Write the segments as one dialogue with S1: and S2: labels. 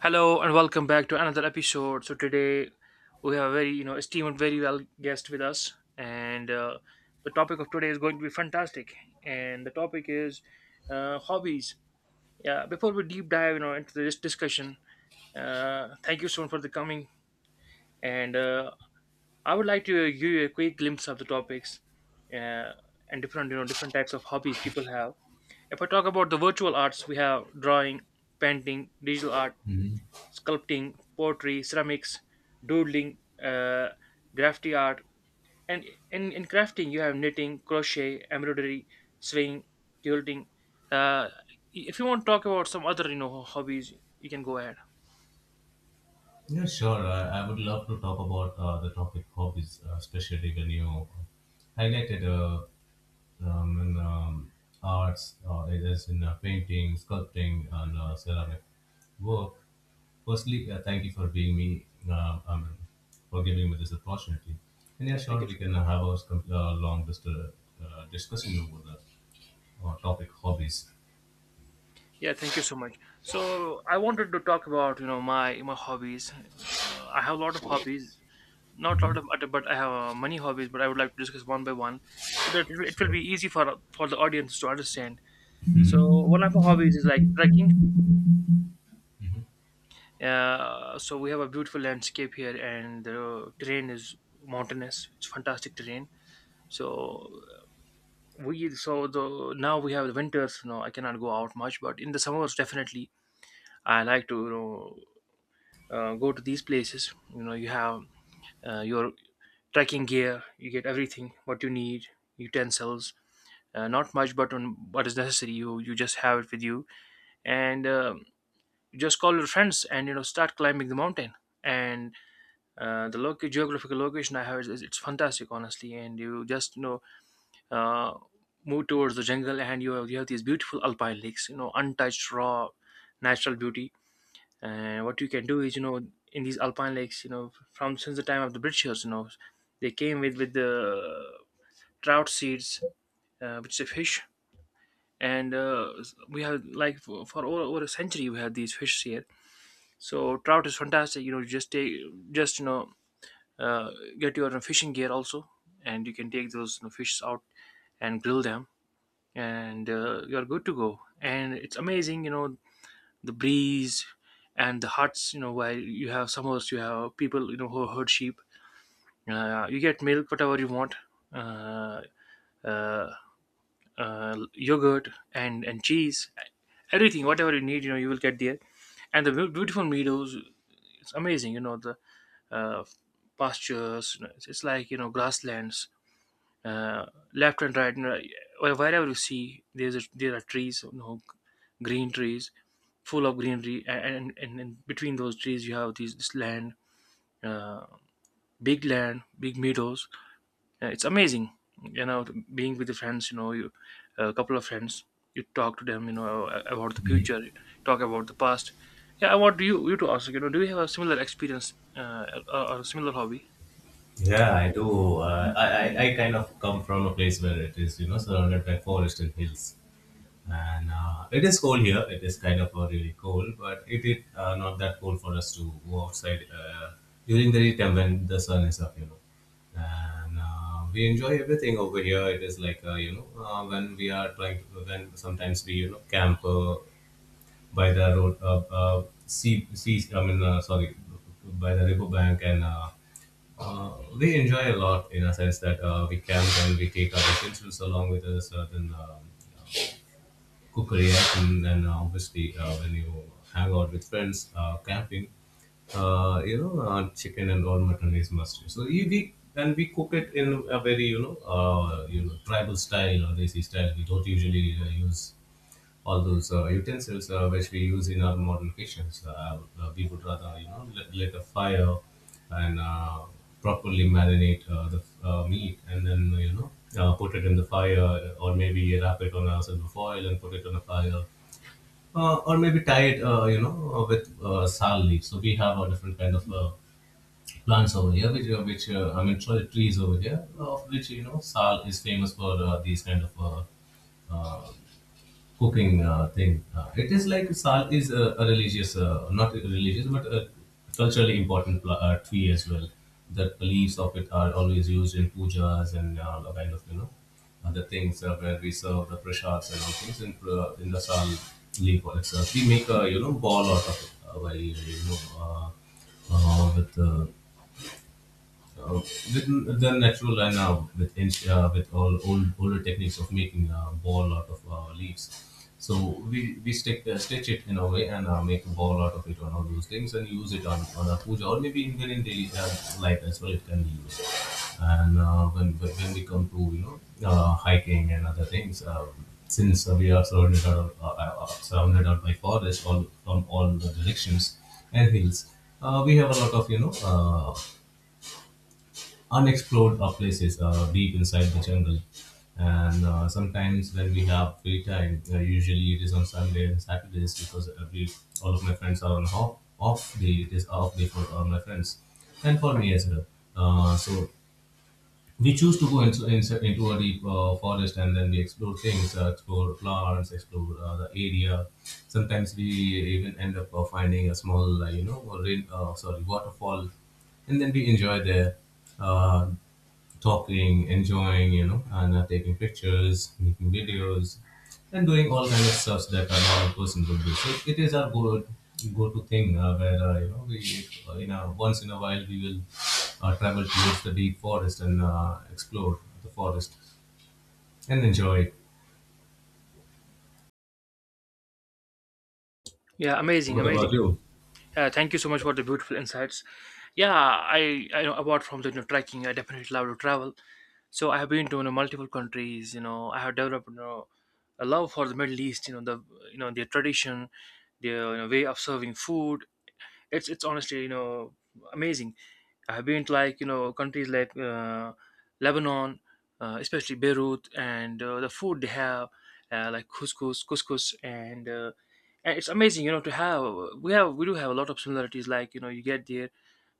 S1: Hello and welcome back to another episode. So today we have a very esteemed, very well guest with us, and the topic of today is going to be fantastic. And the topic is hobbies. Yeah, before we deep dive into this discussion, thank you so much for the coming. And I would like to give you a quick glimpse of the topics uh, and different different types of hobbies people have. If I talk about the virtual arts, we have drawing, painting, digital art,
S2: hmm
S1: sculpting, pottery, ceramics, doodling, graffiti art, and in crafting you have knitting, crochet, embroidery, sewing, quilting. Uh, if you want to talk about some other hobbies, you can go ahead.
S2: Yeah, sure. I would love to talk about the topic hobbies, especially when you highlighted um, in, um, arts, as in painting, sculpting, and ceramic work. Firstly, thank you for being me, for giving me this opportunity. And yeah,
S1: Yeah, thank
S2: sure,
S1: you
S2: we
S1: so much.
S2: can have a long discussion over the topic hobbies.
S1: Yeah, thank you so much. So I wanted to talk about my hobbies. I have a lot of hobbies, not a
S2: hmm
S1: lot of other, but I have many hobbies. But I would like to discuss one by one, so that it will
S2: Sure.
S1: be easy for the audience to understand. So one of our hobbies is like trekking. So we have a beautiful landscape here, and the terrain is mountainous. It's fantastic terrain. So we so the now we have the winters. You know, I cannot go out much, but in the summers definitely I like to go to these places. You know, you have your trekking gear. You get everything what you need, utensils. Not much, but on what is necessary, you just have it with you, and you just call your friends and start climbing the mountain and the local geographical location I have it's fantastic honestly, and you just uh, move towards the jungle, and you have these beautiful alpine lakes, untouched raw natural beauty. And what you can do is, in these alpine lakes, from since the time of the britishers, they came with the trout seeds, which is a fish. And we have, like, for over a century we have these fish here. So trout is fantastic. You know, you just take, just uh, get your fishing gear also, and you can take those, fish out and grill them, and you're good to go. And it's amazing, you know, the breeze and the huts. You know, while you have summers, you have people who herd sheep. You get milk, whatever you want, uh, uh, yogurt and cheese, everything, whatever you need. You know, you will get there, and the beautiful meadows. It's amazing, you know, the uh, pastures. You know, it's like, grasslands. Uh, Left and right, you know, or wherever you see, there's a, there are trees, you know, green trees, full of greenery, and and between those trees you have these this land, uh, big land, big meadows. It's amazing, you know, being with the friends. You know, you, a couple of friends, you talk to them, you know, about the future, you talk about the past. Yeah, I want you to ask, you know, do you have a similar experience, or, a similar hobby?
S2: Yeah, I do. I kind of come from a place where it is, you know, surrounded by forest and hills. And it is cold here. It is kind of really cold, but it is not that cold for us to go outside during the daytime when the sun is up, you know. And we enjoy everything over here. It is like, when we are trying to, when sometimes we, you know, camp by the road, I mean, sorry, by the river bank and uh, we enjoy a lot in a sense that we camp and we take our utensils along with us, then cookery item, and obviously when you hang out with friends, camping, chicken and all mutton is must. So and we cook it in a very you know tribal style or desi style. We don't usually use all those utensils which we use in our modern kitchens. We would rather, you know, let a fire and properly marinate the meat and then, you know, put it in the fire or maybe wrap it on a silver foil and put it on a fire. Or maybe tie it, with sal leaves. So we have a different kind of plants over here, which I mean, trees over here, of which you know, sal is famous for these kind of uh, uh, cooking thing. It is like Sal is a religious, not a religious, but a culturally important tree as well. The leaves of it are always used in pujas and the kind of you know other things where we serve the prashads and all things in the sal leaf itself. We make a you know ball out of it by uh, with uh, with the natural and with with all older techniques of making a ball out of leaves. So we stick, stitch it in a way and make a ball out of it on all those things and use it on a puja or maybe even in daily life as well. It can be used. And when when we come to you know hiking and other things. Since we are surrounded out by forest all, from all the directions and hills, we have a lot of you know unexplored places deep inside the jungle. And sometimes when we have free time, usually it is on Sunday and Saturdays because every all of my friends are on off day. It is off day for all my friends and for me as well. So we choose to go into a deep forest and then we explore things, explore plants, explore the area. Sometimes we even end up finding a small, you know, or sorry, waterfall and then we enjoy there. Uh, Talking, enjoying, you know, and taking pictures, making videos, and doing all kind of stuff so that a normal person would do. So it is our go to thing where you know we in a once in a while we will travel towards the deep forest and explore the forest and enjoy it.
S1: Yeah, amazing,
S2: What about
S1: amazing.
S2: you?
S1: Yeah, thank you so much for the beautiful insights. Yeah, I know apart from the, you know, trekking, I definitely love to travel. So I have been to, you know, multiple countries. You know, I have developed, you know, a love for the Middle East. You know, the, you know, their tradition, their, you know, way of serving food, it's honestly, you know, amazing. I've been to, like, you know, countries like Lebanon, especially Beirut, and the food they have, like couscous, and it's amazing, you know, to have, we do have a lot of similarities. Like, you know, you get there,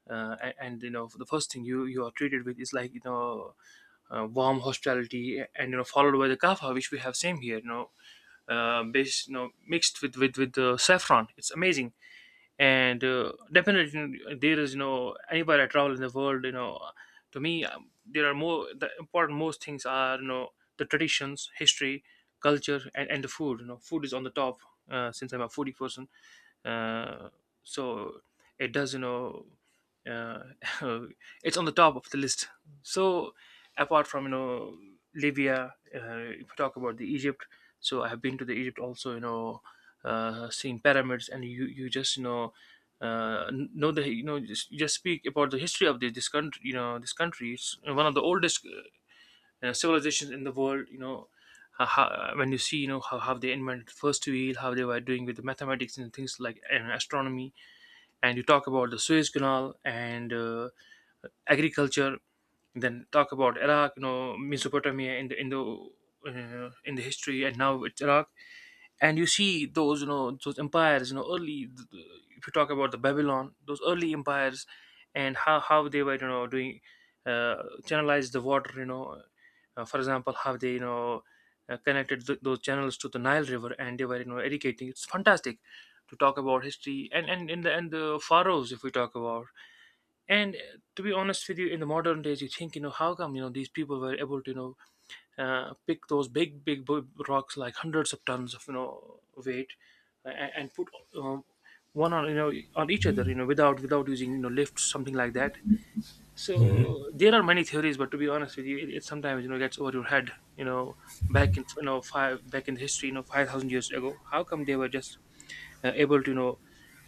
S1: and, you know, the first thing you are treated with is, like, you know, warm hospitality, and, you know, followed by the kaffa, which we have same here, you know, based, you know, mixed with the saffron. It's amazing. And definitely, you know, there is, you know, anywhere I travel in the world, you know, to me there are more the important most things are, you know, the traditions, history, culture, and, the food. You know, food is on the top, since I'm a foodie person. Uh, so it does, you know, uh, it's on the top of the list. So apart from, you know, Libya, if you talk about the Egypt, so I have been to the Egypt also. You know, seen pyramids, and you just, you know. Know the, you know, just, you just speak about the history of this, this country. You know, this country is one of the oldest civilizations in the world. You know, how, when you see, you know, how, they invented first wheel, how they were doing with the mathematics and things like, and astronomy, and you talk about the Suez Canal and agriculture, then talk about Iraq, you know, Mesopotamia in the in the history, and now it's Iraq. And you see those, you know, those empires, you know, early if you talk about the Babylon, those early empires, and how they were, you know, doing, uh, channelize the water, you know, for example, how they, you know, connected those channels to the Nile river, and they were, you know, irrigating. It's fantastic to talk about history, and in the, and the pharaohs, if we talk about. And to be honest with you, in the modern days, you think, you know, how come, you know, these people were able to, you know, pick those big, rocks, like hundreds of tons of, you know, weight, and, put um, one on, you know, on each other, you know, without using, you know, lifts, something like that. So there are many theories, but to be honest with you, it sometimes, you know, gets over your head, you know, back in, you know, back in history, you know, 5,000 years ago. How come they were just able to, you know,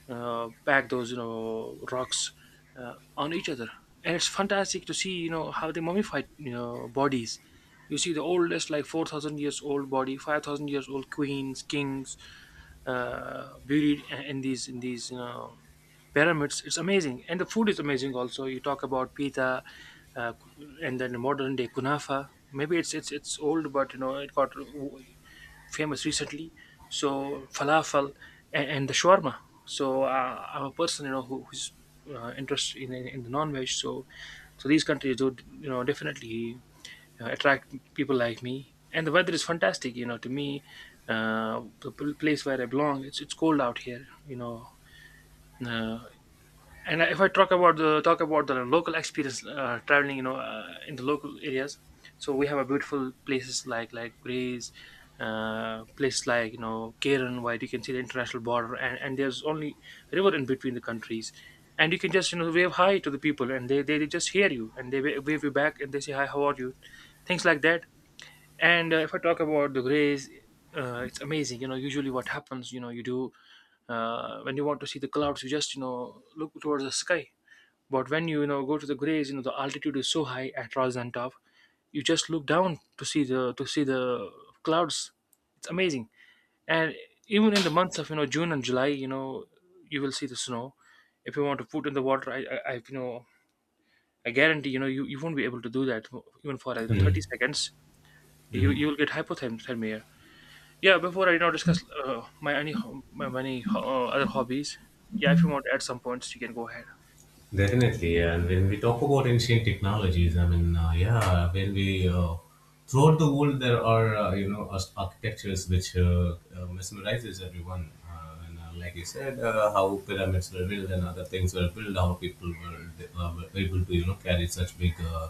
S1: pack those, you know, rocks on each other? And it's fantastic to see, you know, how they mummified, you know, bodies. You see the oldest, like, 4,000 years old body, 5,000 years old queens, kings buried in these, you know, pyramids. It's amazing. And the food is amazing also. You talk about pita, uh, and then modern day kunafa, maybe it's old, but you know it got famous recently. So falafel, and, the shawarma. So I'm a person, you know, who, who's interested in the non-veg. So these countries would, you know, definitely attract people like me. And the weather is fantastic. You know, to me, the place where I belong, it's cold out here. You know, uh, and if I talk about the local experience, traveling, you know, in the local areas, so we have a beautiful places, like Greece, places like, you know, Karen, where you can see the international border, and, there's only river in between the countries. And you can just, you know, wave hi to the people, and they, just hear you, and they wave you back, and they say hi, how are you, things like that. And if I talk about the grays, it's amazing. You know, usually what happens, you know, you do, when you want to see the clouds, you just, you know, look towards the sky. But when you know, go to the grays, you know, the altitude is so high at Rajasthan top, you just look down to see the clouds. It's amazing. And even in the months of, you know, June and July, you know, you will see the snow. If you want to put in the water, I you know, I guarantee, you know, you, won't be able to do that even for, like, you know, 30
S2: Mhm.
S1: seconds. you
S2: Mhm.
S1: you will get hypothermia. Yeah, before I now discuss my my other hobbies. Yeah, if you want to add some points, you can go ahead.
S2: Definitely, yeah. And when we talk about ancient technologies, I mean, yeah, when we throughout the world there are you know as architectures which mesmerizes everyone. And like you said, how pyramids were built and other things were built, how people were able to you know carry such big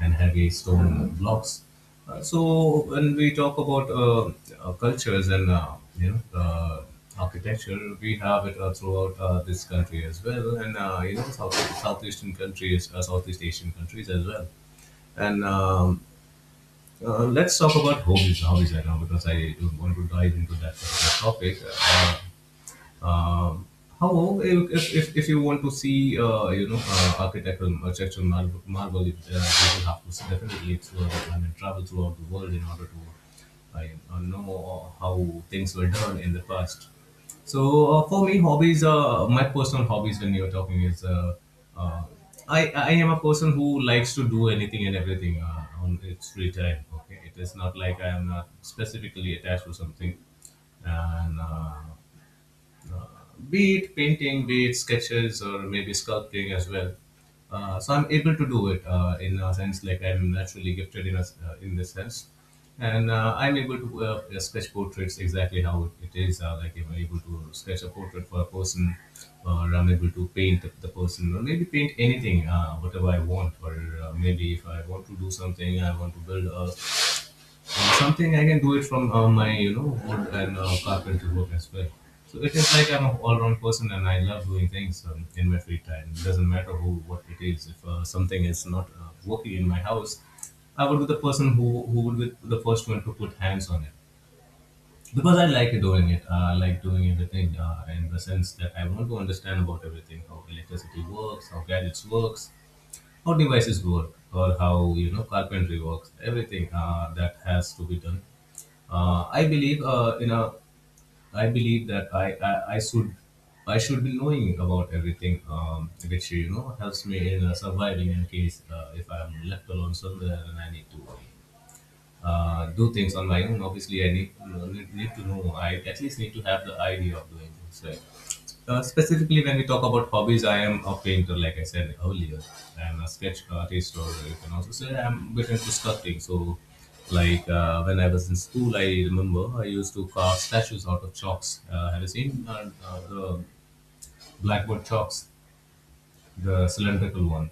S2: and heavy stone blocks. So when we talk about cultures and architecture, we have it throughout this country as well, and you know southeastern countries, Southeast Asian countries as well. And let's talk about hobbies right now because I don't want to dive into that particular topic. Um, However, if you want to see, architectural, architectural marvel it, you will have to definitely explore, I mean, travel throughout the world in order to you know how things were done in the past. So for me, hobbies, my personal hobbies when you're talking is, uh, I am a person who likes to do anything and everything on its free time. Okay, it is not like I am not specifically attached to something, and be it painting, be it sketches, or maybe sculpting as well. So I'm able to do it in a sense like I'm naturally gifted in in this sense, and I'm able to sketch portraits exactly how it is. Like I'm able to sketch a portrait for a person, or I'm able to paint the person, or maybe paint anything, whatever I want, or maybe if I want to do something, I want to build a something I can do it from my you know wood and carpentry work as well. So it is like I'm an all-round person and I love doing things in my free time. It doesn't matter who what it is. If something is not working in my house, I would be the person who would be the first one to put hands on it because I like doing it. I like doing everything in the sense that I want to understand about everything: how electricity works, how gadgets works, how devices work, or how you know carpentry works. Everything that has to be done I believe, I believe that I should be knowing about everything, which you know helps me in surviving in case if I'm left alone somewhere and I need to do things on my own, obviously I need, need to know. I at least need to have the idea of doing things. Right? Specifically, when we talk about hobbies, I am a painter, like I said earlier. I'm a sketch artist, or you can also say I'm a bit into sculpting. So, like when I was in school, I remember I used to carve statues out of chalks. Have you seen the blackboard chalks? The cylindrical one.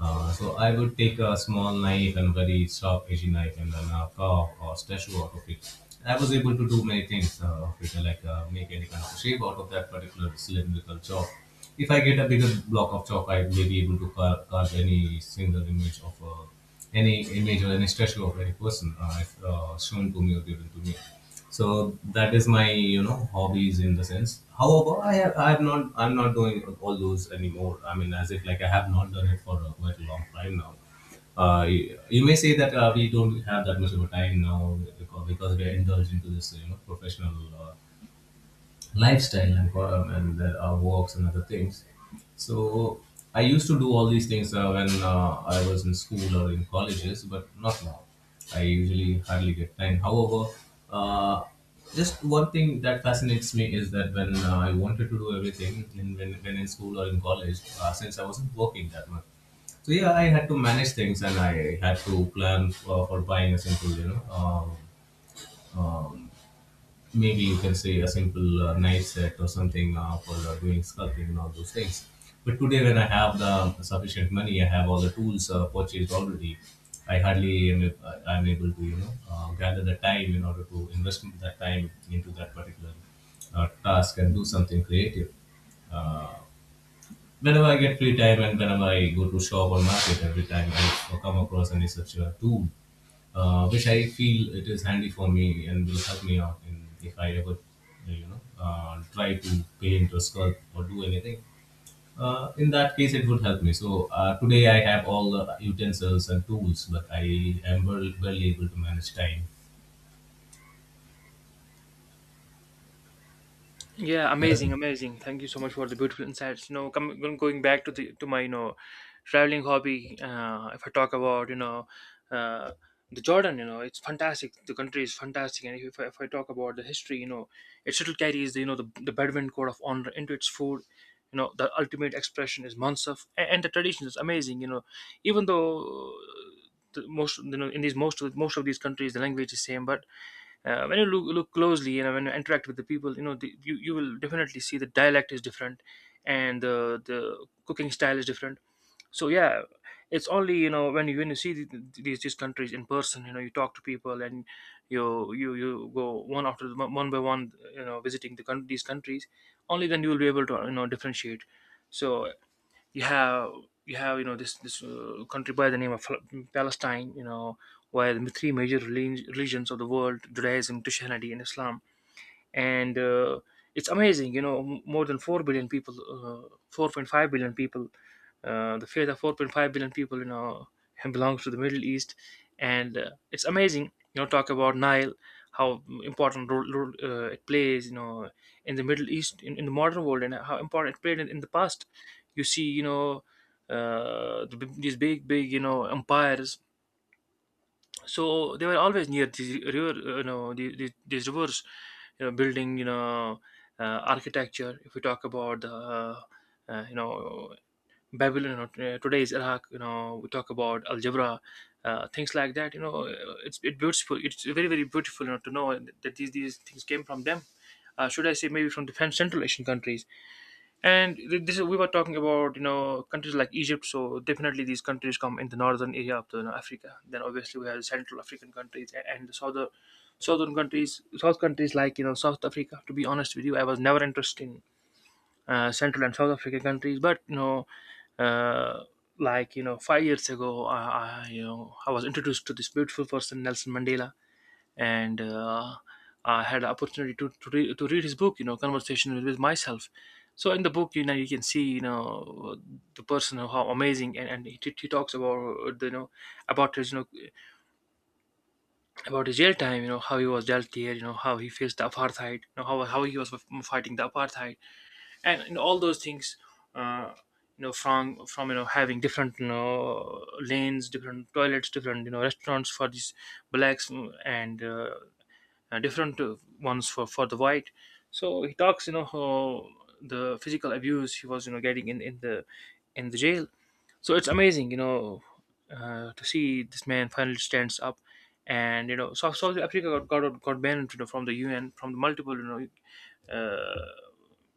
S2: So I would take a small knife and very sharp edgy knife and then a carve or statue out of it. I was able to do many things of it, like make any kind of shape out of that particular cylindrical chalk. If I get a bigger block of chalk, I may be able to carve any single image of any image or any statue of any person if shown to me or given to me. So that is my you know hobbies in the sense. However, I have not, I'm not doing all those anymore. I mean as if like I have not done it for a quite a long time now. You may say that we don't have that much of a time now because we are indulged into this you know professional uh, lifestyle and there are walks and other things. So I used to do all these things when I was in school or in colleges, but not now. I usually hardly get time. However, uh, just one thing that fascinates me is that when I wanted to do everything, when in school or in college, since I wasn't working that much, so yeah, I had to manage things and I had to plan for buying a simple, you know, um, um, maybe you can say a simple knife set or something for doing sculpting and all those things. But today, when I have the sufficient money, I have all the tools purchased already. I hardly am ab- I'm able to gather the time in order to invest that time into that particular task and do something creative. Uh, whenever I get free time and whenever I go to shop or market, every time I come across any such tool which I feel it is handy for me and will help me out in if I ever, try to paint or sculpt or do anything. In that case, it would help me. So today I have all the utensils and tools, but I am well, barely able to manage time.
S1: Yeah,
S2: Okay.
S1: amazing, amazing. Thank you so much for the beautiful insights. Coming going back to the to my you know traveling hobby. If I talk about uh, the Jordan, you know, it's fantastic. The country is fantastic, and if I talk about the history, you know, it still carries the you know the Bedouin code of honor into its food. You know, the ultimate expression is mansaf, and the tradition is amazing. You know, even though uh, the most in these most of these countries the language is same, but when you look closely and when you interact with the people you will definitely see the dialect is different and the cooking style is different. So yeah, it's only, you know, when you see these countries in person, you know, you talk to people, and you go one by one, you know, visiting these countries. Only then you will be able to, you know, differentiate. So you have, you have you know this this country by the name of Palestine, you know, where the three major religions of the world, Judaism, Christianity, and Islam, and it's amazing, you know, more than 4 billion people, 4.5 billion people. The fate of 4.5 billion people, you know, belongs to the Middle East. And It's amazing, you know. Talk about Nile, how important role it plays, you know, in the Middle East, in the modern world, and how important it played in the past. You see, you know, these big you know empires, so they were always near these river you know the these rivers, you know, building, you know, uh, architecture. If we talk about the you know Babylon, you know, today's Iraq, you know, we talk about algebra, things like that, you know. It's beautiful. It's very beautiful, you know, to know that these things came from them. Should I say maybe from the Central Asian countries. And this is, we were talking about, you know, countries like Egypt, so definitely these countries come in the northern area of the, you know, Africa. Then obviously we have Central African countries, and the southern southern countries, south countries like, you know, South Africa. To be honest with you, I was never interested in Central and South African countries, but you know, uh, 5 years ago, I you know I was introduced to this beautiful person Nelson Mandela. And I had the opportunity to read his book, you know, Conversation with Myself. So in the book, you know, you can see, you know, the person, how amazing, and he talks about, uh, the, you know, about his, you know, about his jail time, you know, how he was dealt here, you know, how he faced the apartheid, you know, how he was fighting the apartheid, and all those things. Uh, you know, from having different, you know, lanes, different toilets, different, you know, restaurants for these blacks, mm, and different ones for the white. So he talks, you know, how the physical abuse he was, you know, getting in the in the jail. So it's amazing, you know, to see this man finally stands up. And you know, South Africa got banned, you know, from the UN, from the multiple, you know, uh,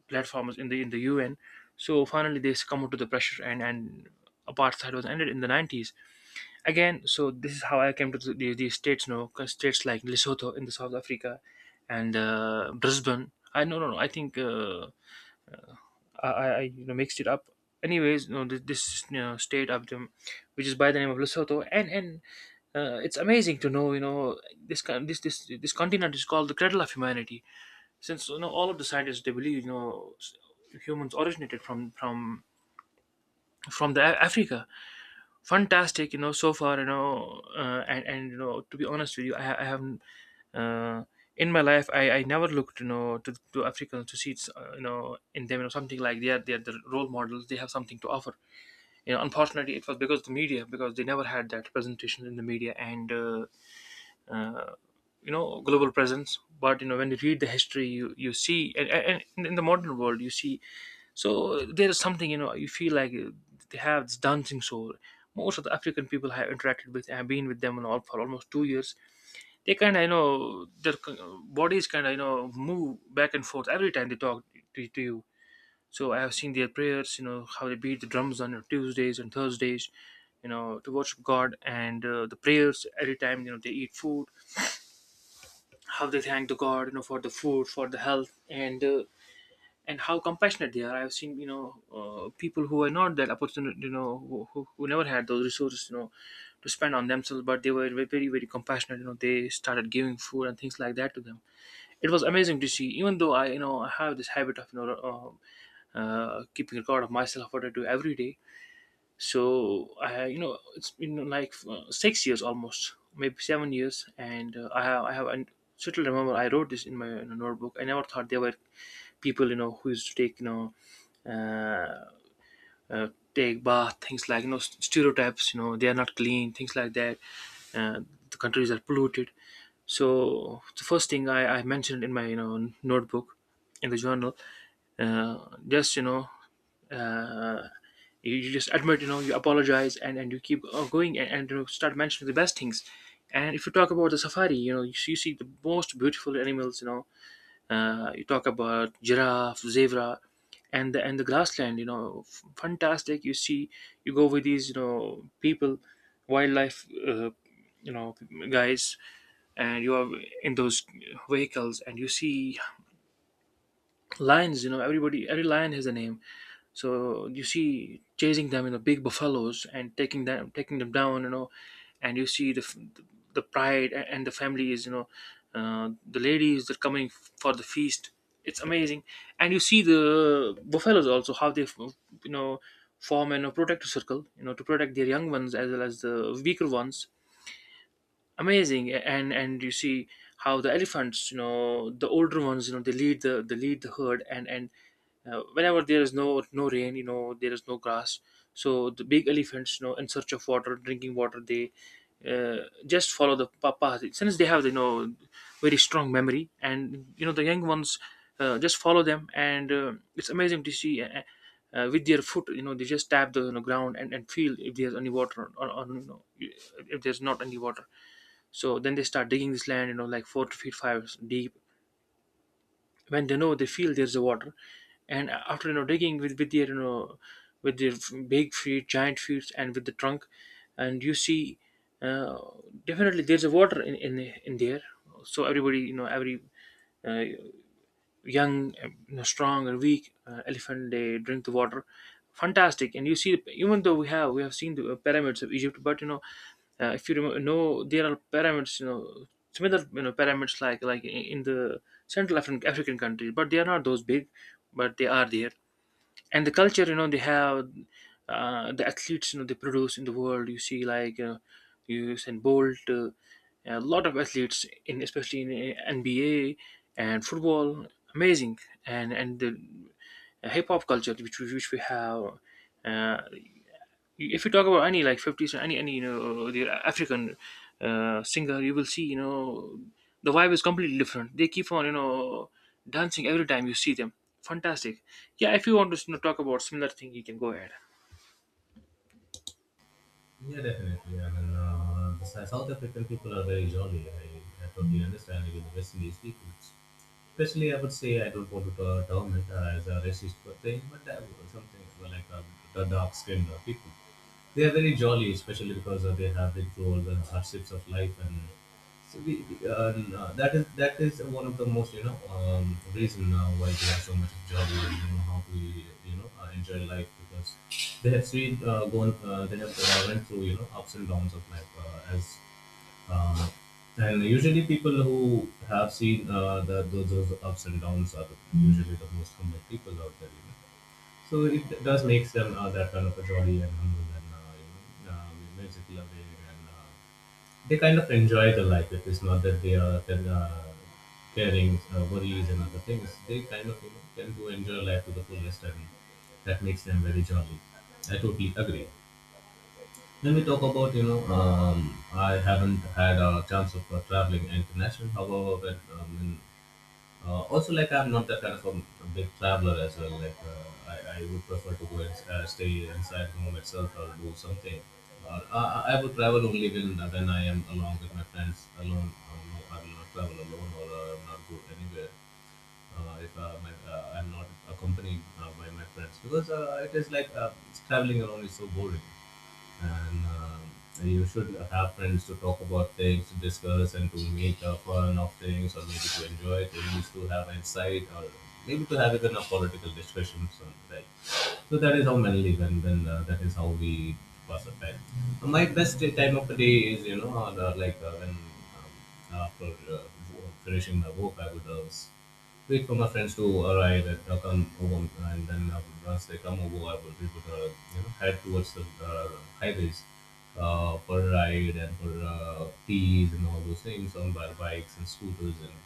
S1: platforms in the UN. So finally, they succumbed to the pressure, and apartheid was ended in the 90s. Again, so this is how I came to the states. No, 'cause states like Lesotho in the South Africa, and Brisbane, I, no no no, I think you know, mixed it up. Anyways, you know, this state of them, which is by the name of Lesotho, and it's amazing to know, you know, this continent is called the cradle of humanity, since, you know, all of the scientists, they believe, you know, humans originated from the Africa. Fantastic, you know. So far, you know, and you know, to be honest with you, I haven't uh, in my life, I never looked, you know, to Africans to see it's, you know, in them, you know, something like they are, they are the role models, they have something to offer, you know. Unfortunately, it was because of the media, because they never had that presentation in the media, and uh, you know, global presence. But you know, when you read the history, you see, and in the modern world you see. So there is something, you know, you feel like, they have this dancing soul. Most of the African people I have interacted with, I have been with them and all for almost 2 years. They kind of, you know, their bodies kind of, you know, move back and forth every time they talk to you. So I have seen their prayers, you know, how they beat the drums on Tuesdays and Thursdays, you know, to worship God, and the prayers every time, you know, they eat food, how they thank the God, you know, for the food, for the health, and how compassionate they are. I've seen, you know, people who were not that opportunity, you know, who never had those resources, you know, to spend on themselves, but they were very compassionate. You know, they started giving food and things like that to them. It was amazing to see. Even though I, you know, I have this habit of, you know. Keeping record of myself what I do every day. So I, you know, it's been 6 years almost, maybe 7 years, and I have, and still remember I wrote this in my, in a notebook. I never thought there were people, you know, who used to take, you know, uh, take bath, things like, you know, stereotypes. You know, they are not clean, things like that. Uh, the countries are polluted. So the first thing I mentioned in my, you know, notebook in the journal, uh, just you know, uh, you, you just admit, you know, you apologize, and you keep going, and you know, start mentioning the best things. And if you talk about the safari, you know, you, you see the most beautiful animals, you know, you talk about giraffe, zebra, and the grassland, you know, fantastic, you see. You go with these, you know, people, wildlife, you know guys, and you are in those vehicles, and you see lions, you know, everybody, every lion has a name. So you see chasing them, you know, big buffaloes, and taking them down, you know, and you see the pride, and the families, you know, the ladies that are coming for the feast. It's amazing. And you see the buffaloes also, how they you know form and protect a circle, you know, to protect their young ones as well as the weaker ones. Amazing. And you see how the elephants, you know, the older ones, you know, they lead the herd, and whenever there is no rain, you know, there is no grass, so the big elephants, you know, in search of water, drinking water, they just follow the path, since they have, you know, very strong memory, and you know the young ones just follow them. And it's amazing to see, with their foot, you know, they just tap the, you know, ground, and feel if there's any water, or you know, if there's not any water. So then they start digging this land, you know, like 4 feet five deep. When they know they feel there's a water, and after, you know, digging with their, you know, with their big feet, giant feet, and with the trunk, and you see, uh, definitely there's a water in there. So everybody, you know, every uh, young, strong, or weak, elephant, they drink the water. Fantastic. And you see, even though we have seen the pyramids of Egypt, but you know, if you remember, know there are pyramids, you know, similar, you know, pyramids like in the Central African countries, but they are not those big, but they are there. And the culture, you know, they have the athletes, you know, they produce in the world, you see, like Usain Bolt, a lot of athletes in, especially in NBA and football. Amazing. And the hip hop culture which we have. uh, if you talk about any like 50s or any, you know, the African singer, you will see, you know, the vibe is completely different. They keep on, you know, dancing every time you see them. Fantastic. Yeah, if you want to, you know, talk about similar thing, you can go ahead.
S2: Yeah, definitely. I mean, the South African people are very jolly. I totally understand even the West Indies people. Especially, I would say I don't want to term it as a racist per thing, but that was something the dark-skinned people. They are very jolly, especially because they have the roles and hardships of life, and so that is one of the most you know reason why they are so much jolly and you know how we you know enjoy life because they have seen gone they have went through you know ups and downs of life as um, and usually people who have seen those ups and downs are usually the most humble people out there. You know? So it does makes them that kind of a jolly and humble and musical aware and they kind of enjoy the life. It is not that they are then, caring worries and other things. They kind of you know, tend to enjoy life to the fullest and that makes them very jolly. I totally agree. Let me talk about you know I haven't had a chance of traveling international. However, also like I'm not that kind of a big traveler as well. Like I would prefer to go and stay inside home itself or do something. Or I would travel only when I am along with my friends alone. No, I will not travel alone or not go anywhere if my, I'm not accompanied by my friends because it is like traveling alone is so boring, and you should have friends to talk about things, to discuss, and to make fun of things, or maybe to enjoy things, to have insight, or maybe to have even a political discussion. So, like so that is how mentally when that is how we pass the time. My time of the day is you know the- like when after uh, finishing my work, I would wait for my friends to arrive and come over, and then once they come over, I would we would you know head towards the uh, highways. For a ride and for teas and all those things on our bikes and scooters, and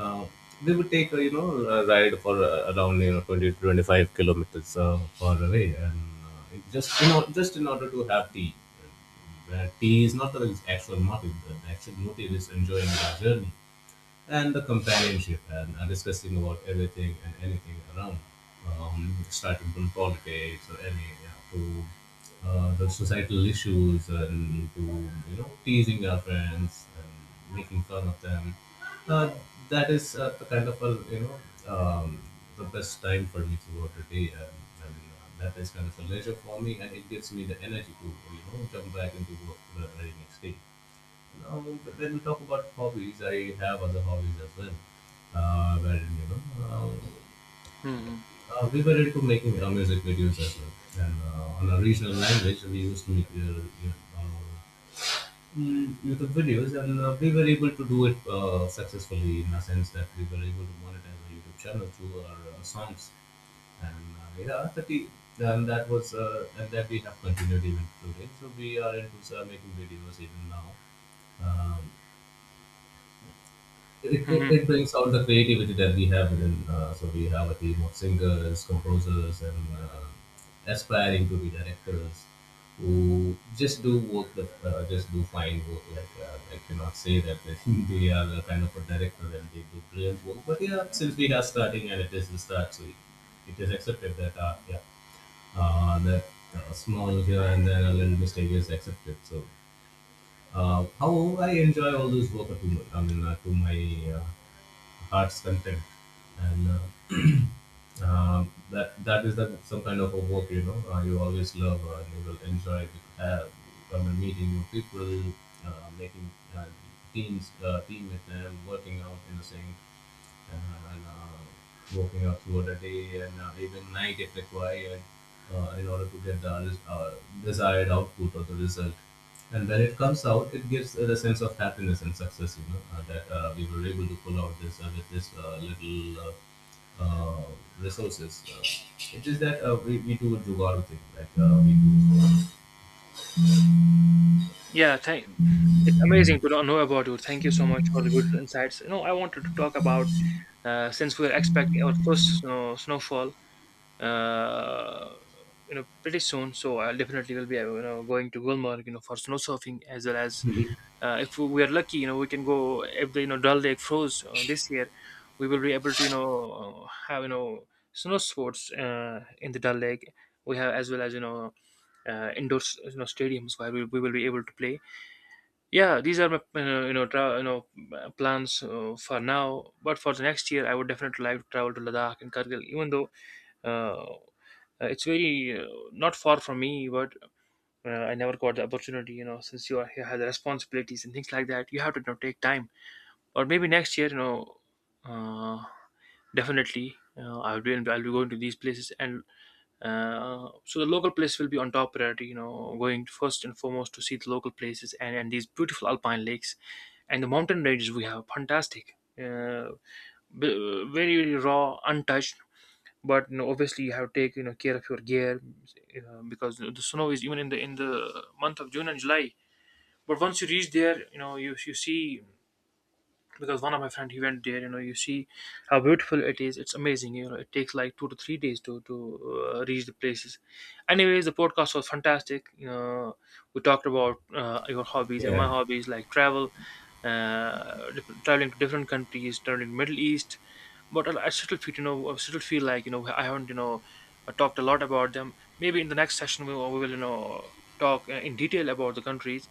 S2: uh, we would take, you know, a ride for around, you know, 20 to 25 kilometers far away. And it just, you know, just in order to have tea. Tea is not the actual motive. The actual motive is enjoying the journey and the companionship and discussing about everything and anything around, starting from politics or any to the societal issues and to you know teasing our friends and making fun of them. Uh, that is the kind of a you know the best time for me throughout the day, and that is kind of a leisure for me, and it gives me the energy to you know jump back into work the very next day. Now when we talk about hobbies, I have other hobbies as well. Wherein, you know,
S1: hmm
S2: we were into making music videos as well. And on a regional language, we used to make YouTube videos, and we were able to do it successfully in a sense that we were able to monetize our YouTube channel through our songs. And yeah, that I- and that was and that we have continued even today. So we are into making videos even now. Um, it, it,
S1: hmm
S2: it brings out the creativity that we have within. So we have a team of singers, composers, and aspiring to be directors who just do work that just do fine work. Like I cannot say that they they are the kind of a director and they do brilliant work. But yeah, since we are starting and it is the start, so it is accepted that uh, that small here and there a little mistake is accepted. So. However, I enjoy all those work to, my, I mean, to my uh, arts content and uh, that is that some kind of a work you know you always love and you will enjoy with, I meeting new people making uh, teams team with them working out in the same and and working out throughout the day and even night if required in order to get the uh, desired output or the result. And when it comes out, it gives it a sense of happiness and success, you know, that we were able to pull out this with this little uh, resources. It is that we do a Jugaad thing, like we do.
S1: yeah, thank it's amazing to know about you. Thank you so much for the beautiful insights. You know, I wanted to talk about, since we're expecting our first snowfall, uh, you know, pretty soon. So I definitely will be, you know, going to Gulmarg, you know, for snow surfing, as well as, if we are lucky, you know, we can go if the, you know, Dal Lake froze, this year, we will be able to, you know, have, you know, snow sports, in the Dal Lake we have, as well as, you know, indoor you know, stadiums where we will be able to play. Yeah, these are my, plans, for now. But for the next year, I would definitely like to travel to Ladakh and Kargil, even though uh, it's very, not far from me, but I never got the opportunity, you know, since you have the responsibilities and things like that, you have to, you know, take time. Or maybe next year, you know, uh, definitely, I'll be, I'll be going to these places. And so the local place will be on top priority, you know, going first and foremost to see the local places, and these beautiful alpine lakes and the mountain ranges we have. Fantastic, very very raw, untouched. But you know, obviously you have to take, you know, care of your gear, you know, because the snow is even in the month of June and July. But once you reach there, you know, you see, because one of my friend he went there, you know, you see how beautiful it is. It's amazing. You know, it takes like 2 to 3 days to reach the places. Anyways, the podcast was fantastic, you know. We talked about, your hobbies and
S2: Yeah.
S1: my hobbies, like travel, traveling to different countries, traveling to Middle East. But I still feel, you know, I still feel like, you know, I haven't, you know, talked a lot about them. Maybe in the next session we will, we will, you know, talk in detail about the countries.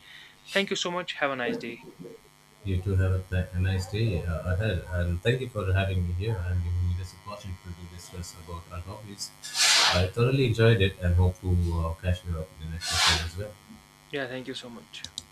S1: Thank you so much, have a nice day.
S2: You too have a, a nice day ahead, and thank you for having me here and giving me this opportunity to discuss about our hobbies. I thoroughly enjoyed it and hope to catch you up in the next episode as well.
S1: Yeah, thank you so much.